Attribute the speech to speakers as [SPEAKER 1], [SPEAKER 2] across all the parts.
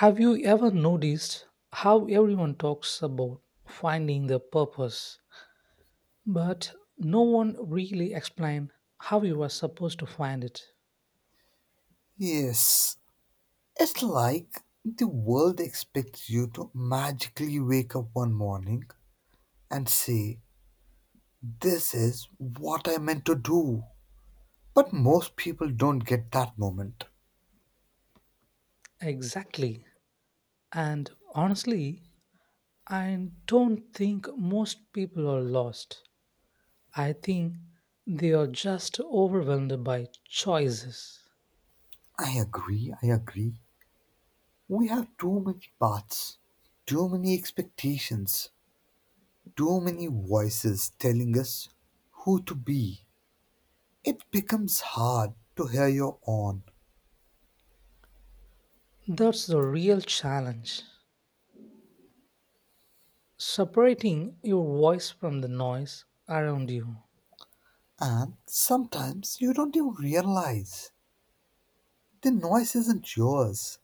[SPEAKER 1] Have you ever noticed how everyone talks about finding their purpose, but no one really explains how you are supposed to find it?
[SPEAKER 2] Yes, it's like the world expects you to magically wake up one morning and say, This is what I meant to do. But most people don't get that moment.
[SPEAKER 1] Exactly. And honestly, I don't think most people are lost. I think they are just overwhelmed by choices.
[SPEAKER 2] I agree, I agree. We have too many paths, too many expectations, too many voices telling us who to be. It becomes hard to hear your own,
[SPEAKER 1] That's the real challenge separating your voice from the noise around you.
[SPEAKER 2] and sometimes you don't even realize. The noise isn't yours.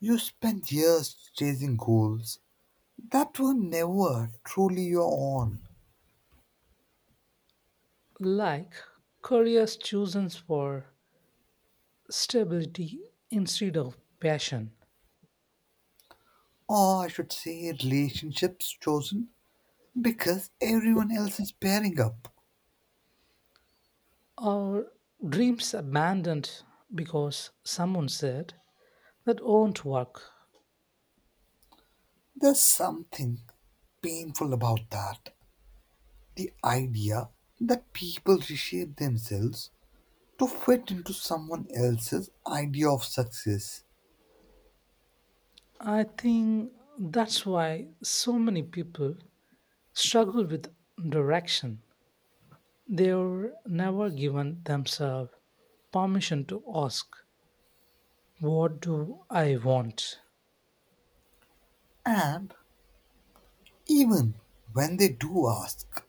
[SPEAKER 2] You spent years chasing goals that were never truly your own.
[SPEAKER 1] Like careers chosen for stability instead of passion,
[SPEAKER 2] Or I should say, relationships chosen because everyone else is pairing up.
[SPEAKER 1] or dreams abandoned because someone said that won't work.
[SPEAKER 2] There's something painful about that. The idea that people reshape themselves to fit into someone else's idea of success.
[SPEAKER 1] I think that's why so many people struggle with direction. They were never given themselves permission to ask, what do I want?
[SPEAKER 2] And even when they do ask,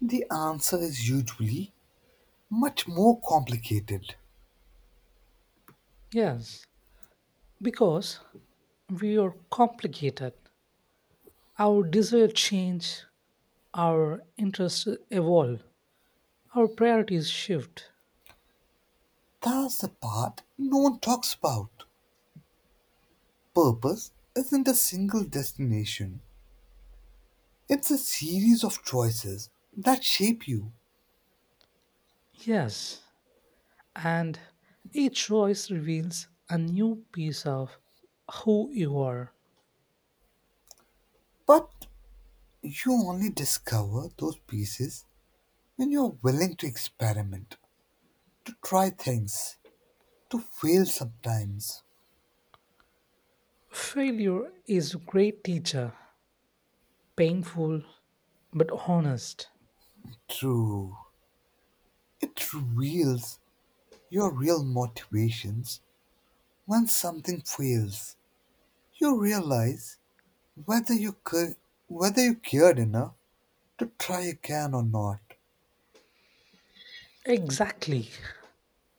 [SPEAKER 2] the answer is usually much more complicated.
[SPEAKER 1] Yes, because we are complicated. Our desire change, our interests evolve, our priorities shift.
[SPEAKER 2] That's the part no one talks about. Purpose isn't a single destination, it's a series of choices that shape you.
[SPEAKER 1] Yes, and each choice reveals a new piece of who you are.
[SPEAKER 2] But you only discover those pieces when you're willing to experiment, to try things, to fail sometimes.
[SPEAKER 1] Failure is a great teacher, painful but honest.
[SPEAKER 2] True, it reveals your real motivations when something fails. You realize whether you, ca- whether you cared enough to try again or not.
[SPEAKER 1] Exactly.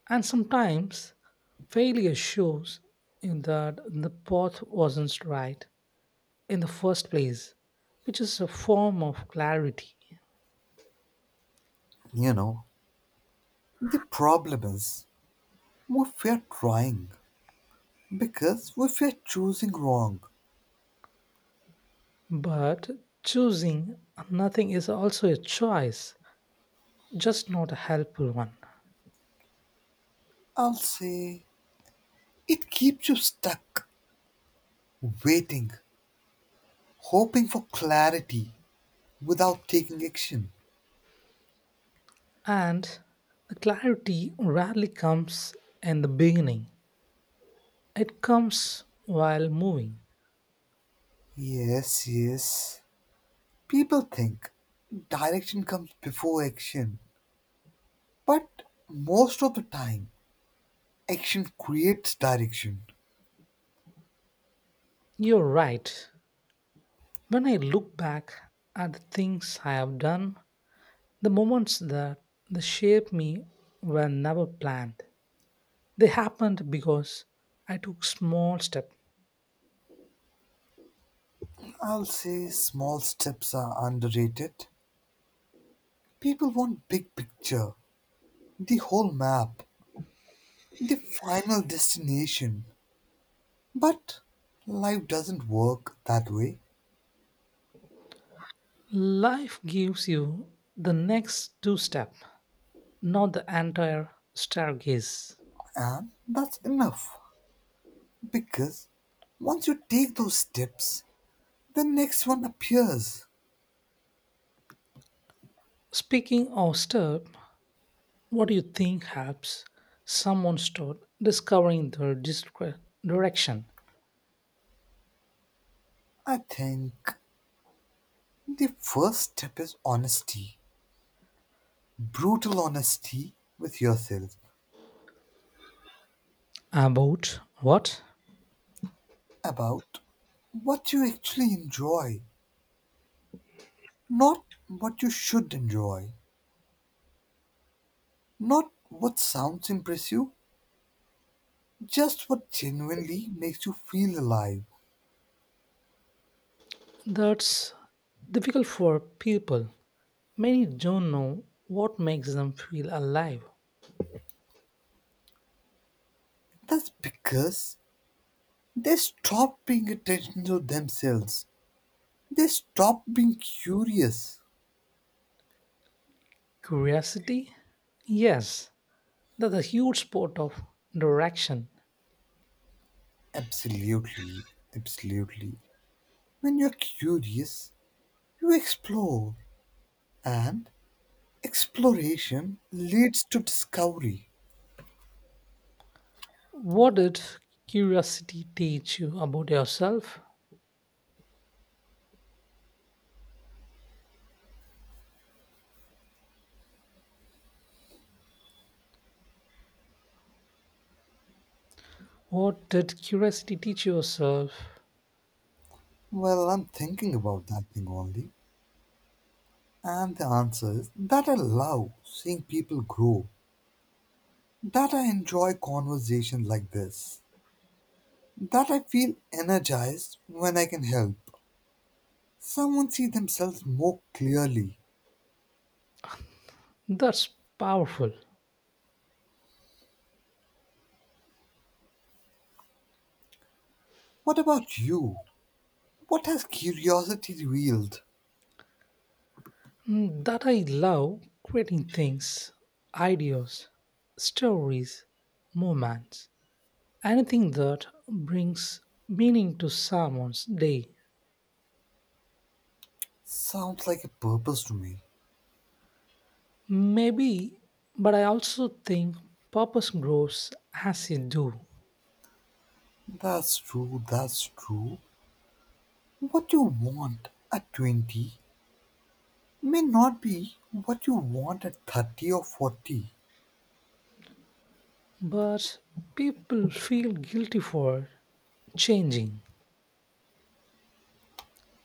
[SPEAKER 1] And sometimes failure shows you that the path wasn't right in the first place, which is a form of clarity.
[SPEAKER 2] You know, the problem is we fear trying because we fear choosing wrong.
[SPEAKER 1] But choosing nothing is also a choice, just not a helpful one.
[SPEAKER 2] I'll say it keeps you stuck, waiting, hoping for clarity without taking action.
[SPEAKER 1] And the clarity rarely comes in the beginning, it comes while moving.
[SPEAKER 2] Yes, yes. People think direction comes before action, but most of the time, action creates direction.
[SPEAKER 1] You're right. When I look back at the things I have done, the moments that shaped me were never planned. They happened because I took small steps.
[SPEAKER 2] I'll say small steps are underrated. People want big picture, the whole map, the final destination. But life doesn't work that way,
[SPEAKER 1] Life gives you the next two steps, not the entire staircase.
[SPEAKER 2] and that's enough because once you take those steps, the next one appears.
[SPEAKER 1] Speaking of step, what do you think helps someone start discovering their direction?
[SPEAKER 2] I think the first step is honesty, brutal honesty with yourself
[SPEAKER 1] About what?
[SPEAKER 2] about what you actually enjoy, not what you should enjoy, not what sounds impress you, just what genuinely makes you feel alive.
[SPEAKER 1] That's difficult for people. Many don't know what makes them feel alive.
[SPEAKER 2] That's because they stop paying attention to themselves. They stop being curious.
[SPEAKER 1] Curiosity? Yes, that's a huge part of direction.
[SPEAKER 2] Absolutely, absolutely. When you're curious, you explore, and exploration leads to discovery.
[SPEAKER 1] What did curiosity teach you about yourself? What did curiosity teach yourself?
[SPEAKER 2] Well, I'm thinking about that thing only. And the answer is that I love seeing people grow, that I enjoy conversations like this that I feel energized when I can help someone see themselves more clearly.
[SPEAKER 1] That's powerful.
[SPEAKER 2] What about you? What has curiosity revealed?
[SPEAKER 1] That I love creating things, ideas, stories, moments, anything that brings meaning to someone's day.
[SPEAKER 2] Sounds like a purpose to me.
[SPEAKER 1] Maybe, but I also think purpose grows as you do.
[SPEAKER 2] That's true, that's true. What you want at 20 may not be what you want at 30 or 40.
[SPEAKER 1] But people feel guilty for changing,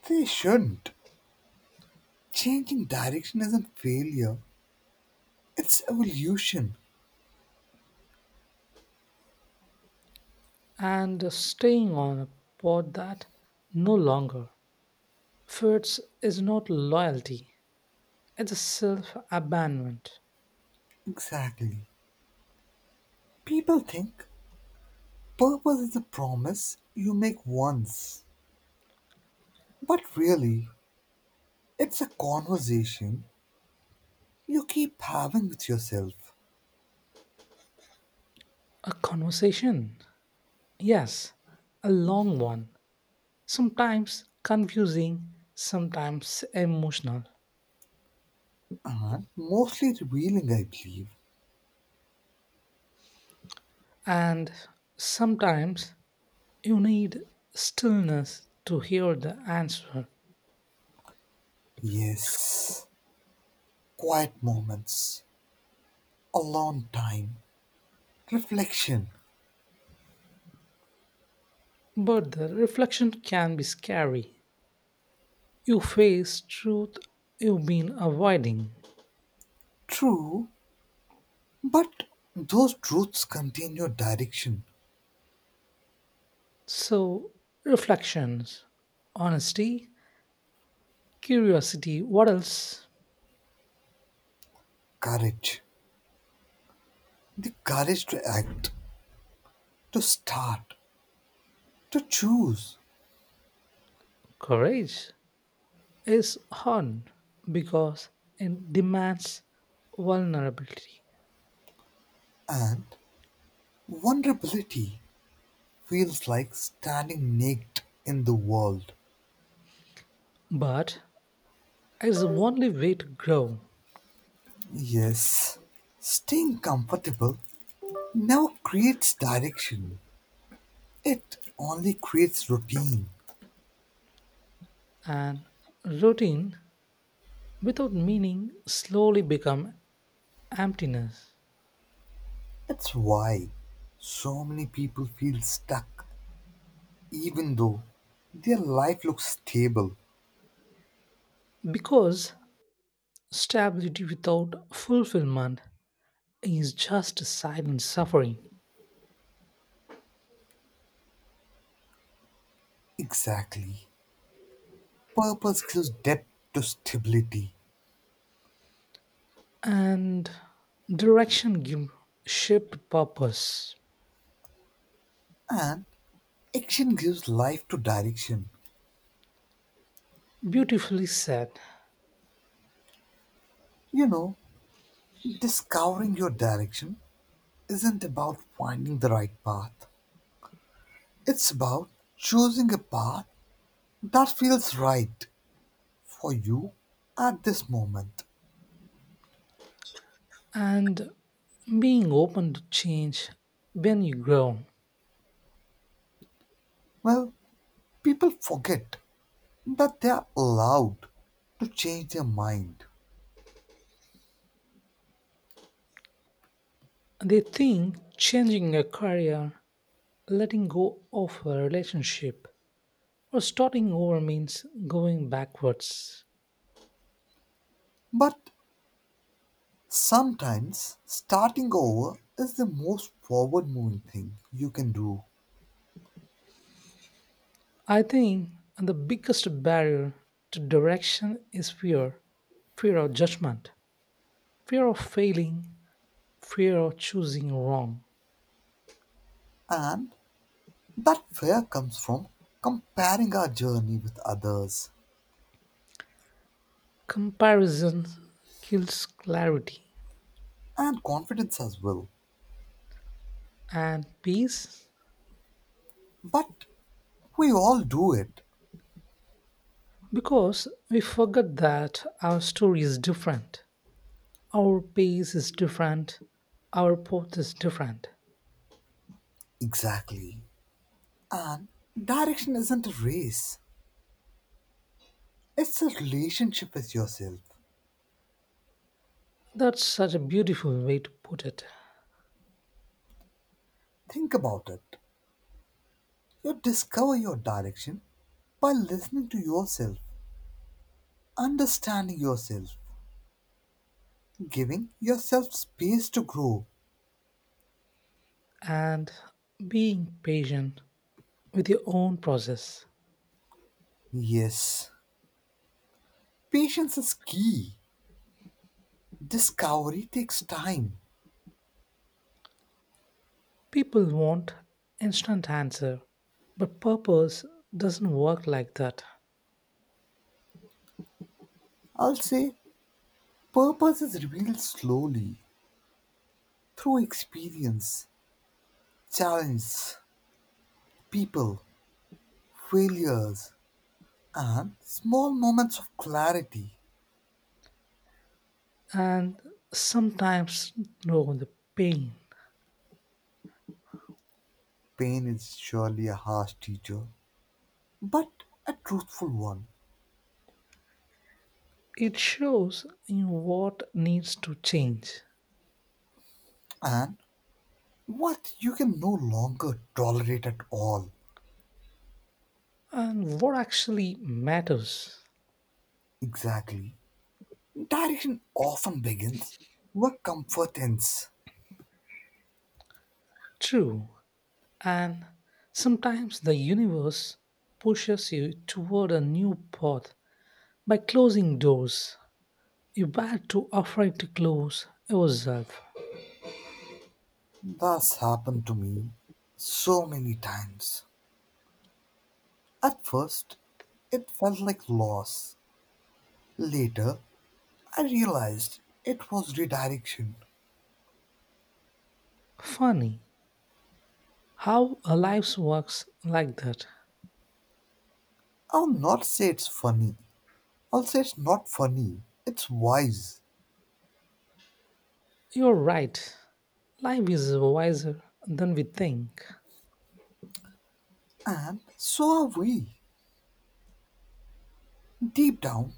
[SPEAKER 2] They shouldn't. Changing direction isn't failure, it's evolution.
[SPEAKER 1] and staying on a path that no longer fits is not loyalty. It's a self abandonment,
[SPEAKER 2] Exactly. People think Purpose is a promise you make once, but really, it's a conversation you keep having with yourself
[SPEAKER 1] a conversation. Yes, a long one. Sometimes confusing, sometimes emotional.
[SPEAKER 2] and mostly revealing, I believe.
[SPEAKER 1] And sometimes you need stillness to hear the answer.
[SPEAKER 2] Yes, quiet moments, alone time, reflection.
[SPEAKER 1] But the reflection can be scary. You face truth you've been avoiding.
[SPEAKER 2] True, but those truths contain your direction,
[SPEAKER 1] So, reflections, honesty, curiosity, what else?
[SPEAKER 2] courage, the courage to act, to start, to choose,
[SPEAKER 1] Courage. Is on because it demands vulnerability.
[SPEAKER 2] and vulnerability feels like standing naked in the world.
[SPEAKER 1] But it's the only way to grow.
[SPEAKER 2] Yes, staying comfortable never creates direction, it only creates routine.
[SPEAKER 1] And routine without meaning slowly become emptiness.
[SPEAKER 2] That's why so many people feel stuck, even though their life looks stable.
[SPEAKER 1] Because stability without fulfillment is just silent suffering.
[SPEAKER 2] Exactly. Purpose gives depth to stability,
[SPEAKER 1] And direction give shape to purpose.
[SPEAKER 2] and action gives life to direction.
[SPEAKER 1] Beautifully said.
[SPEAKER 2] You know, discovering your direction isn't about finding the right path, it's about choosing a path that feels right for you at this moment.
[SPEAKER 1] And being open to change when you grow.
[SPEAKER 2] Well, people forget that they are allowed to change their mind.
[SPEAKER 1] They think changing a career, letting go of a relationship, or starting over means going backwards.
[SPEAKER 2] But sometimes starting over is the most forward moving thing you can do.
[SPEAKER 1] I think the biggest barrier to direction is fear, fear of judgment, fear of failing, fear of choosing wrong.
[SPEAKER 2] And that fear comes from comparing our journey with others
[SPEAKER 1] Comparison kills clarity
[SPEAKER 2] and confidence as well.
[SPEAKER 1] and peace
[SPEAKER 2] But we all do it.
[SPEAKER 1] because we forget that our story is different. Our pace is different, our path is different.
[SPEAKER 2] Exactly. And direction isn't a race, it's a relationship with yourself.
[SPEAKER 1] That's such a beautiful way to put it.
[SPEAKER 2] Think about it. You discover your direction by listening to yourself, understanding yourself, giving yourself space to grow.
[SPEAKER 1] And being patient with your own process.
[SPEAKER 2] Yes, patience is key. Discovery takes time.
[SPEAKER 1] People want instant answer, but purpose doesn't work like that.
[SPEAKER 2] I'll say purpose is revealed slowly through experience, challenge, people, failures, and small moments of clarity.
[SPEAKER 1] And sometimes know the pain.
[SPEAKER 2] Pain is surely a harsh teacher, but a truthful one,
[SPEAKER 1] It shows in what needs to change
[SPEAKER 2] and what you can no longer tolerate at all.
[SPEAKER 1] and what actually matters.
[SPEAKER 2] Exactly. Direction often begins where comfort ends.
[SPEAKER 1] True. And sometimes the universe pushes you toward a new path by closing doors you were too afraid to close yourself.
[SPEAKER 2] That's happened to me so many times. At first, it felt like loss. Later, I realized it was redirection.
[SPEAKER 1] Funny how a life works like that.
[SPEAKER 2] I'll not say it's funny. I'll say it's not funny. It's wise.
[SPEAKER 1] You're right. Life is wiser than we think.
[SPEAKER 2] And so are we. Deep down,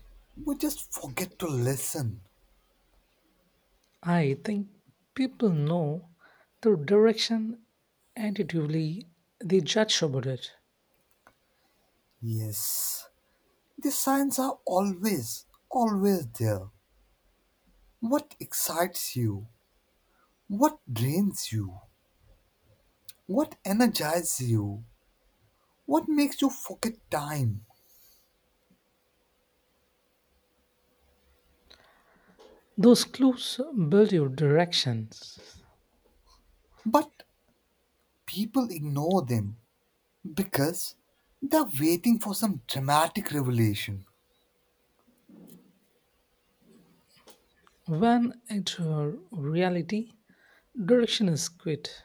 [SPEAKER 2] we just forget to listen.
[SPEAKER 1] I think people know the direction intuitively, they judge about it.
[SPEAKER 2] Yes, the signs are always, always there. What excites you? What drains you? What energizes you? What makes you forget time?
[SPEAKER 1] Those clues build your directions.
[SPEAKER 2] But people ignore them because they're waiting for some dramatic revelation.
[SPEAKER 1] When at her reality, direction is quite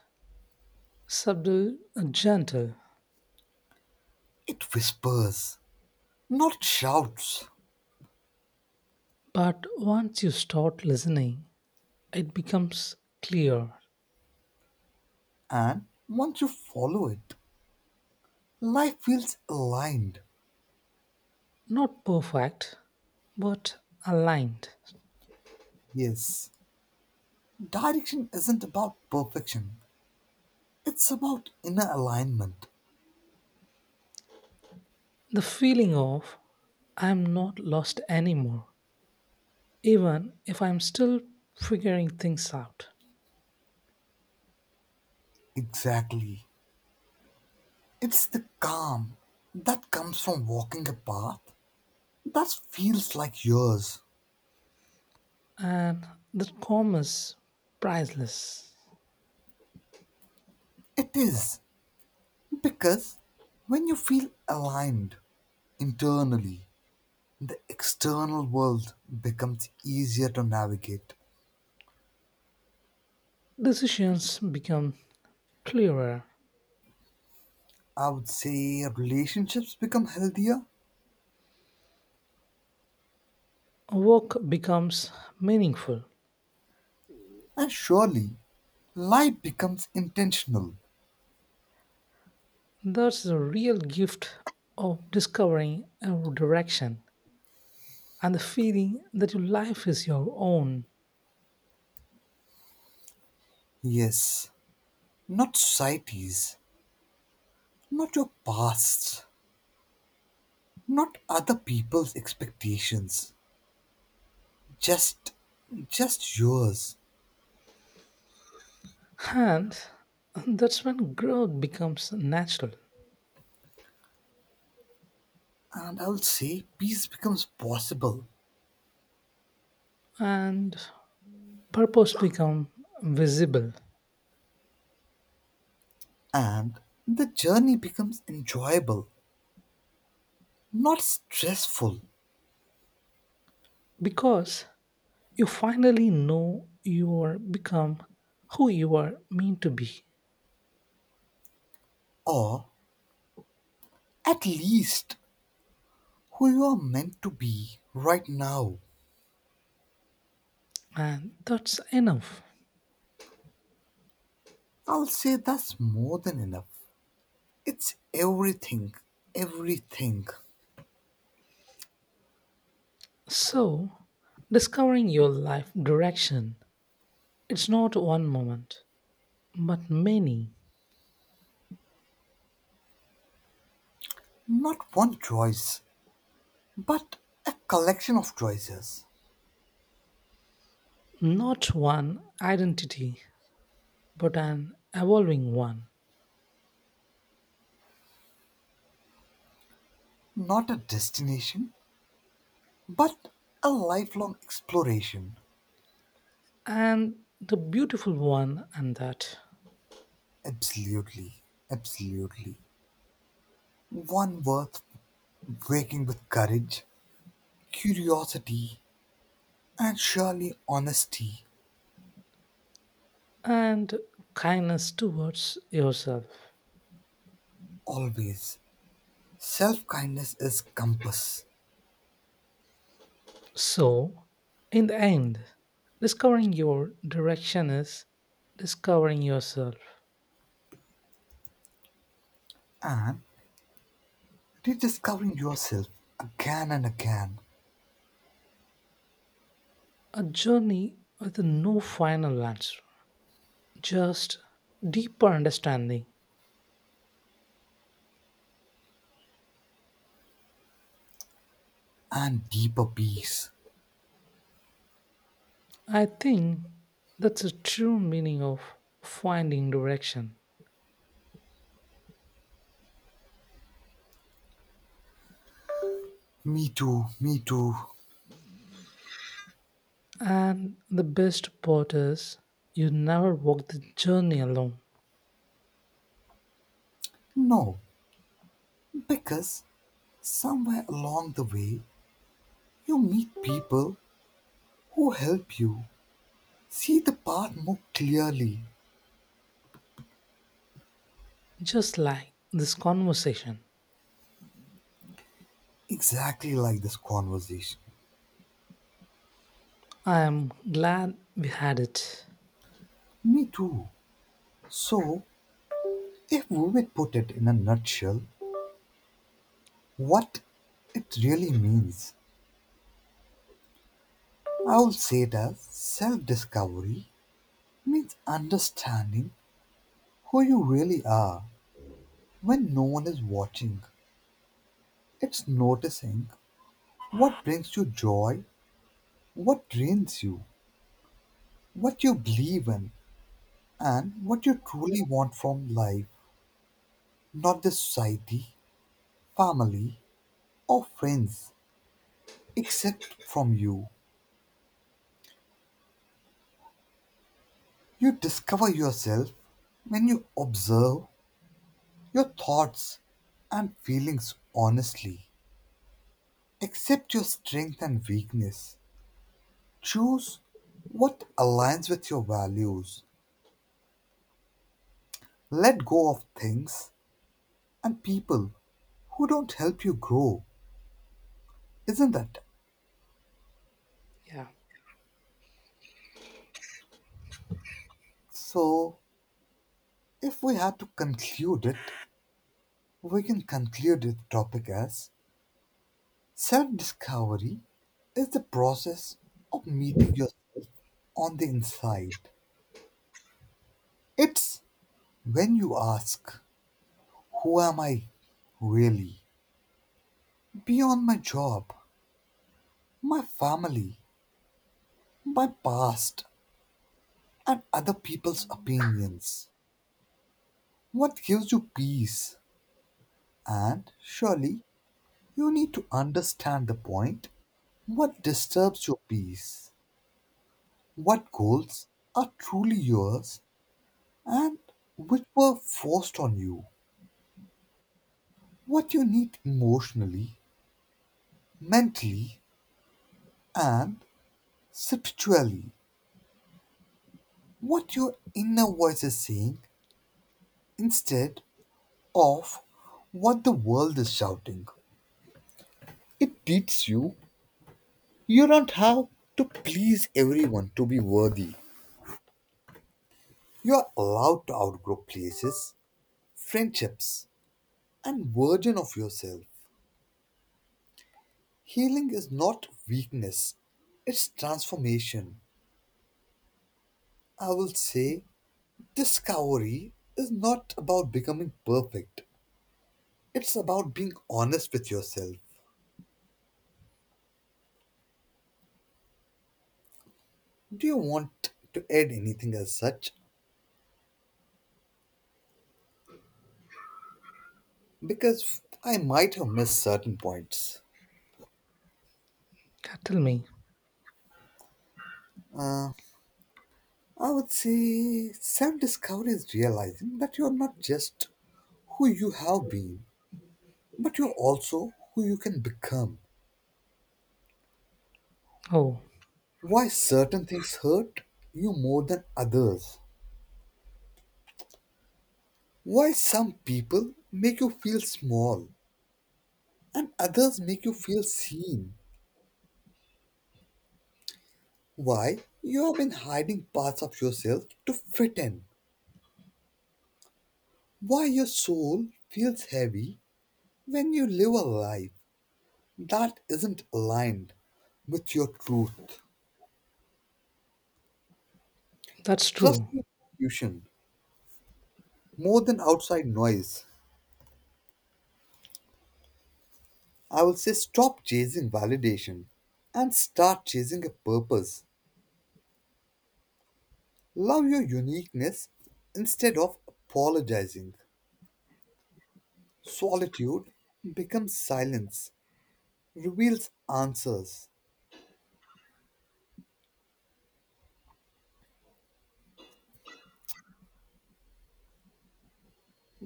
[SPEAKER 1] subtle and gentle,
[SPEAKER 2] It whispers, not shouts.
[SPEAKER 1] but once you start listening, it becomes clear,
[SPEAKER 2] And once you follow it, life feels aligned.
[SPEAKER 1] not perfect, but aligned.
[SPEAKER 2] Yes, direction isn't about perfection, it's about inner alignment.
[SPEAKER 1] The feeling of I'm not lost anymore, even if I'm still figuring things out.
[SPEAKER 2] Exactly. It's the calm that comes from walking a path that feels like yours.
[SPEAKER 1] And that calm is priceless.
[SPEAKER 2] It is. Because when you feel aligned internally, the external world becomes easier to navigate.
[SPEAKER 1] Decisions become clearer,
[SPEAKER 2] I would say relationships become healthier,
[SPEAKER 1] work becomes meaningful.
[SPEAKER 2] and surely life becomes intentional.
[SPEAKER 1] That's the real gift of discovering a direction and the feeling that your life is your own.
[SPEAKER 2] Yes, not societies, not your past's, not other people's expectations. Just, just yours.
[SPEAKER 1] And that's when growth becomes natural
[SPEAKER 2] And I would say peace becomes possible
[SPEAKER 1] and purpose become visible
[SPEAKER 2] and the journey becomes enjoyable, not stressful,
[SPEAKER 1] because you finally know you are become who you are meant to be
[SPEAKER 2] or at least who you are meant to be right now.
[SPEAKER 1] and that's enough.
[SPEAKER 2] I'll say that's more than enough. It's everything, everything,
[SPEAKER 1] So discovering your life direction, it's not one moment but many,
[SPEAKER 2] not one choice. But a collection of choices,
[SPEAKER 1] not one identity, but an evolving one,
[SPEAKER 2] not a destination, but a lifelong exploration.
[SPEAKER 1] and the beautiful one, and that,
[SPEAKER 2] Absolutely, absolutely. One worth waking with courage, curiosity, and surely honesty.
[SPEAKER 1] and kindness towards yourself.
[SPEAKER 2] Always. Self kindness is compass,
[SPEAKER 1] So, in the end, discovering your direction is discovering yourself,
[SPEAKER 2] and rediscovering yourself again and again,
[SPEAKER 1] a journey with no final answer, just deeper understanding.
[SPEAKER 2] and deeper peace.
[SPEAKER 1] I think that's the true meaning of finding direction.
[SPEAKER 2] Me too, me too.
[SPEAKER 1] And the best part is, you never walk the journey alone.
[SPEAKER 2] No, because somewhere along the way, you meet people who help you see the path more clearly,
[SPEAKER 1] Just like this conversation.
[SPEAKER 2] exactly like this conversation.
[SPEAKER 1] I am glad we had it.
[SPEAKER 2] Me too. So, if we would put it in a nutshell, what it really means, I would say it as self discovery means understanding who you really are when no one is watching. It's noticing what brings you joy, what drains you, what you believe in, and what you truly want from life. Not the society, family, or friends. Except from you. You discover yourself when you observe your thoughts and feelings honestly. Accept your strength and weakness. Choose what aligns with your values. Let go of things and people who don't help you grow, isn't that?
[SPEAKER 1] Yeah.
[SPEAKER 2] So, if we had to conclude it, we can conclude this topic as self discovery is the process of meeting yourself on the inside. It's when you ask, who am I really? Beyond my job, my family, my past, and other people's opinions. What gives you peace? And surely you need to understand the point, what disturbs your peace? What goals are truly yours and which were forced on you. What you need emotionally, mentally, and spiritually. What your inner voice is saying instead of what the world is shouting. It teaches you you don't have to please everyone to be worthy. You are allowed to outgrow places, friendships, and version of yourself. Healing is not weakness, it's transformation. I will say discovery is not about becoming perfect, it's about being honest with yourself. Do you want to add anything as such? Because I might have missed certain points.
[SPEAKER 1] God, tell me.
[SPEAKER 2] Uh, I would say self discovery is realizing that you're not just who you have been, but you're also who you can become.
[SPEAKER 1] Oh,
[SPEAKER 2] Why certain things hurt you more than others. Why some people make you feel small, and others make you feel seen. Why you have been hiding parts of yourself to fit in. Why your soul feels heavy when you live a life that isn't aligned with your truth.
[SPEAKER 1] that's
[SPEAKER 2] Trust
[SPEAKER 1] true.
[SPEAKER 2] your intuition more than outside noise. I will say stop chasing validation and start chasing a purpose. Love your uniqueness instead of apologizing. Solitude becomes silence reveals answers.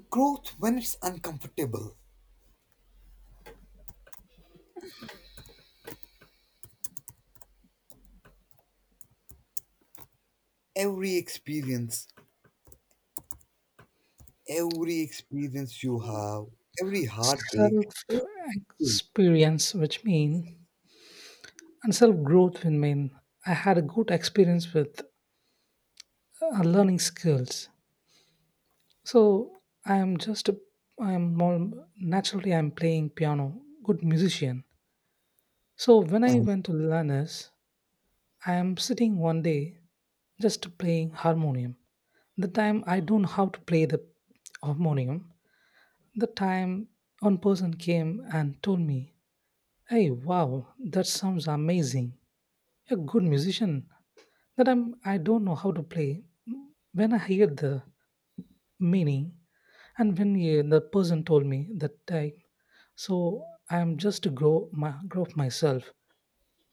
[SPEAKER 2] Growth when it's uncomfortable. Every experience, every experience you have, every heartbreak,
[SPEAKER 1] Self
[SPEAKER 2] everything.
[SPEAKER 1] experience, which mean, and self growth, will mean I had a good experience with learning skills. So I am more naturally, I'm playing piano, good musician. So when I
[SPEAKER 2] And
[SPEAKER 1] went to learners, I am sitting one day just playing harmonium. The time I don't know how to play the harmonium, the time one person came and told me, "Hey, wow, that sounds amazing. You're a good musician." That I'm I don't know how to play. When I hear the meaning and when the person told me that time, so I am just to grow up myself.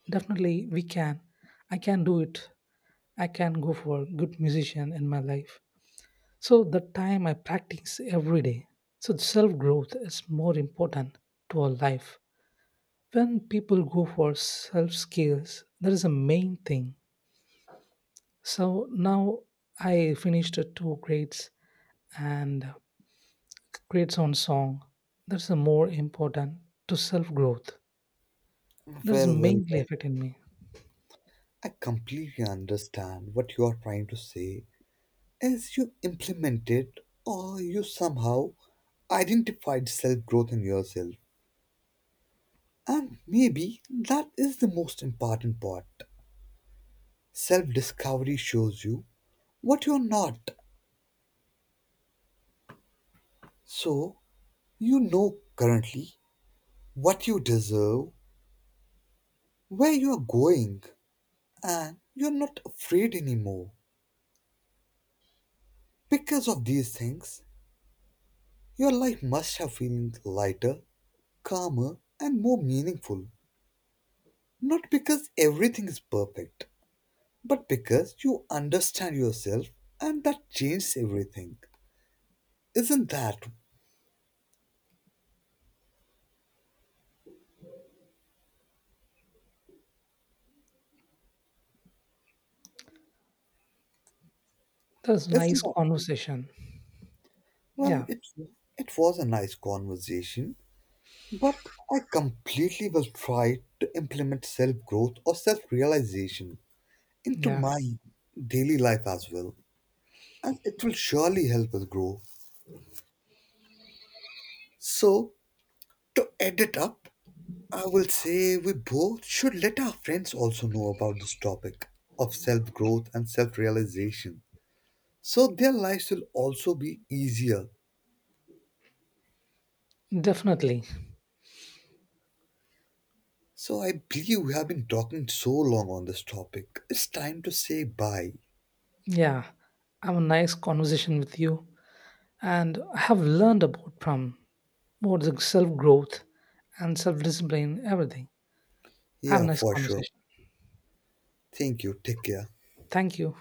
[SPEAKER 1] Definitely, we can. I can do it. I can go for good musician in my life. So that time I practice every day. So self growth is more important to our life. When people go for self skills, that is the main thing. So now I finished the two grades and grades on song. That's the more important to self growth. That is
[SPEAKER 2] well, well,
[SPEAKER 1] mainly
[SPEAKER 2] well,
[SPEAKER 1] affecting me.
[SPEAKER 2] I completely understand what you are trying to say. As you implement it, or you somehow identified self growth in yourself. And maybe that is the most important part. Self discovery shows you what you're not. So, you know currently what you deserve, where you are going, and you're not afraid anymore. Because of these things, your life must have feeling lighter, calmer, and more meaningful. Not because everything is perfect, but because you understand yourself and that changes everything. Isn't that?
[SPEAKER 1] That's nice
[SPEAKER 2] Isn't that?
[SPEAKER 1] conversation.
[SPEAKER 2] Well,
[SPEAKER 1] Yeah,
[SPEAKER 2] it was a nice conversation. But I completely will try to implement self growth or self realization into
[SPEAKER 1] yeah,
[SPEAKER 2] my daily life as well, and it will surely help us grow. So, to end it up, I will say we both should let our friends also know about this topic of self growth and self realization so their lives will also be easier.
[SPEAKER 1] definitely.
[SPEAKER 2] So, I believe we have been talking so long on this topic. It's time to say bye.
[SPEAKER 1] Yeah, I have a nice conversation with you, and I have learned about from more self growth and self discipline, everything. Have a
[SPEAKER 2] Yeah,
[SPEAKER 1] nice
[SPEAKER 2] for sure.
[SPEAKER 1] conversation.
[SPEAKER 2] Thank you. Take care.
[SPEAKER 1] Thank you.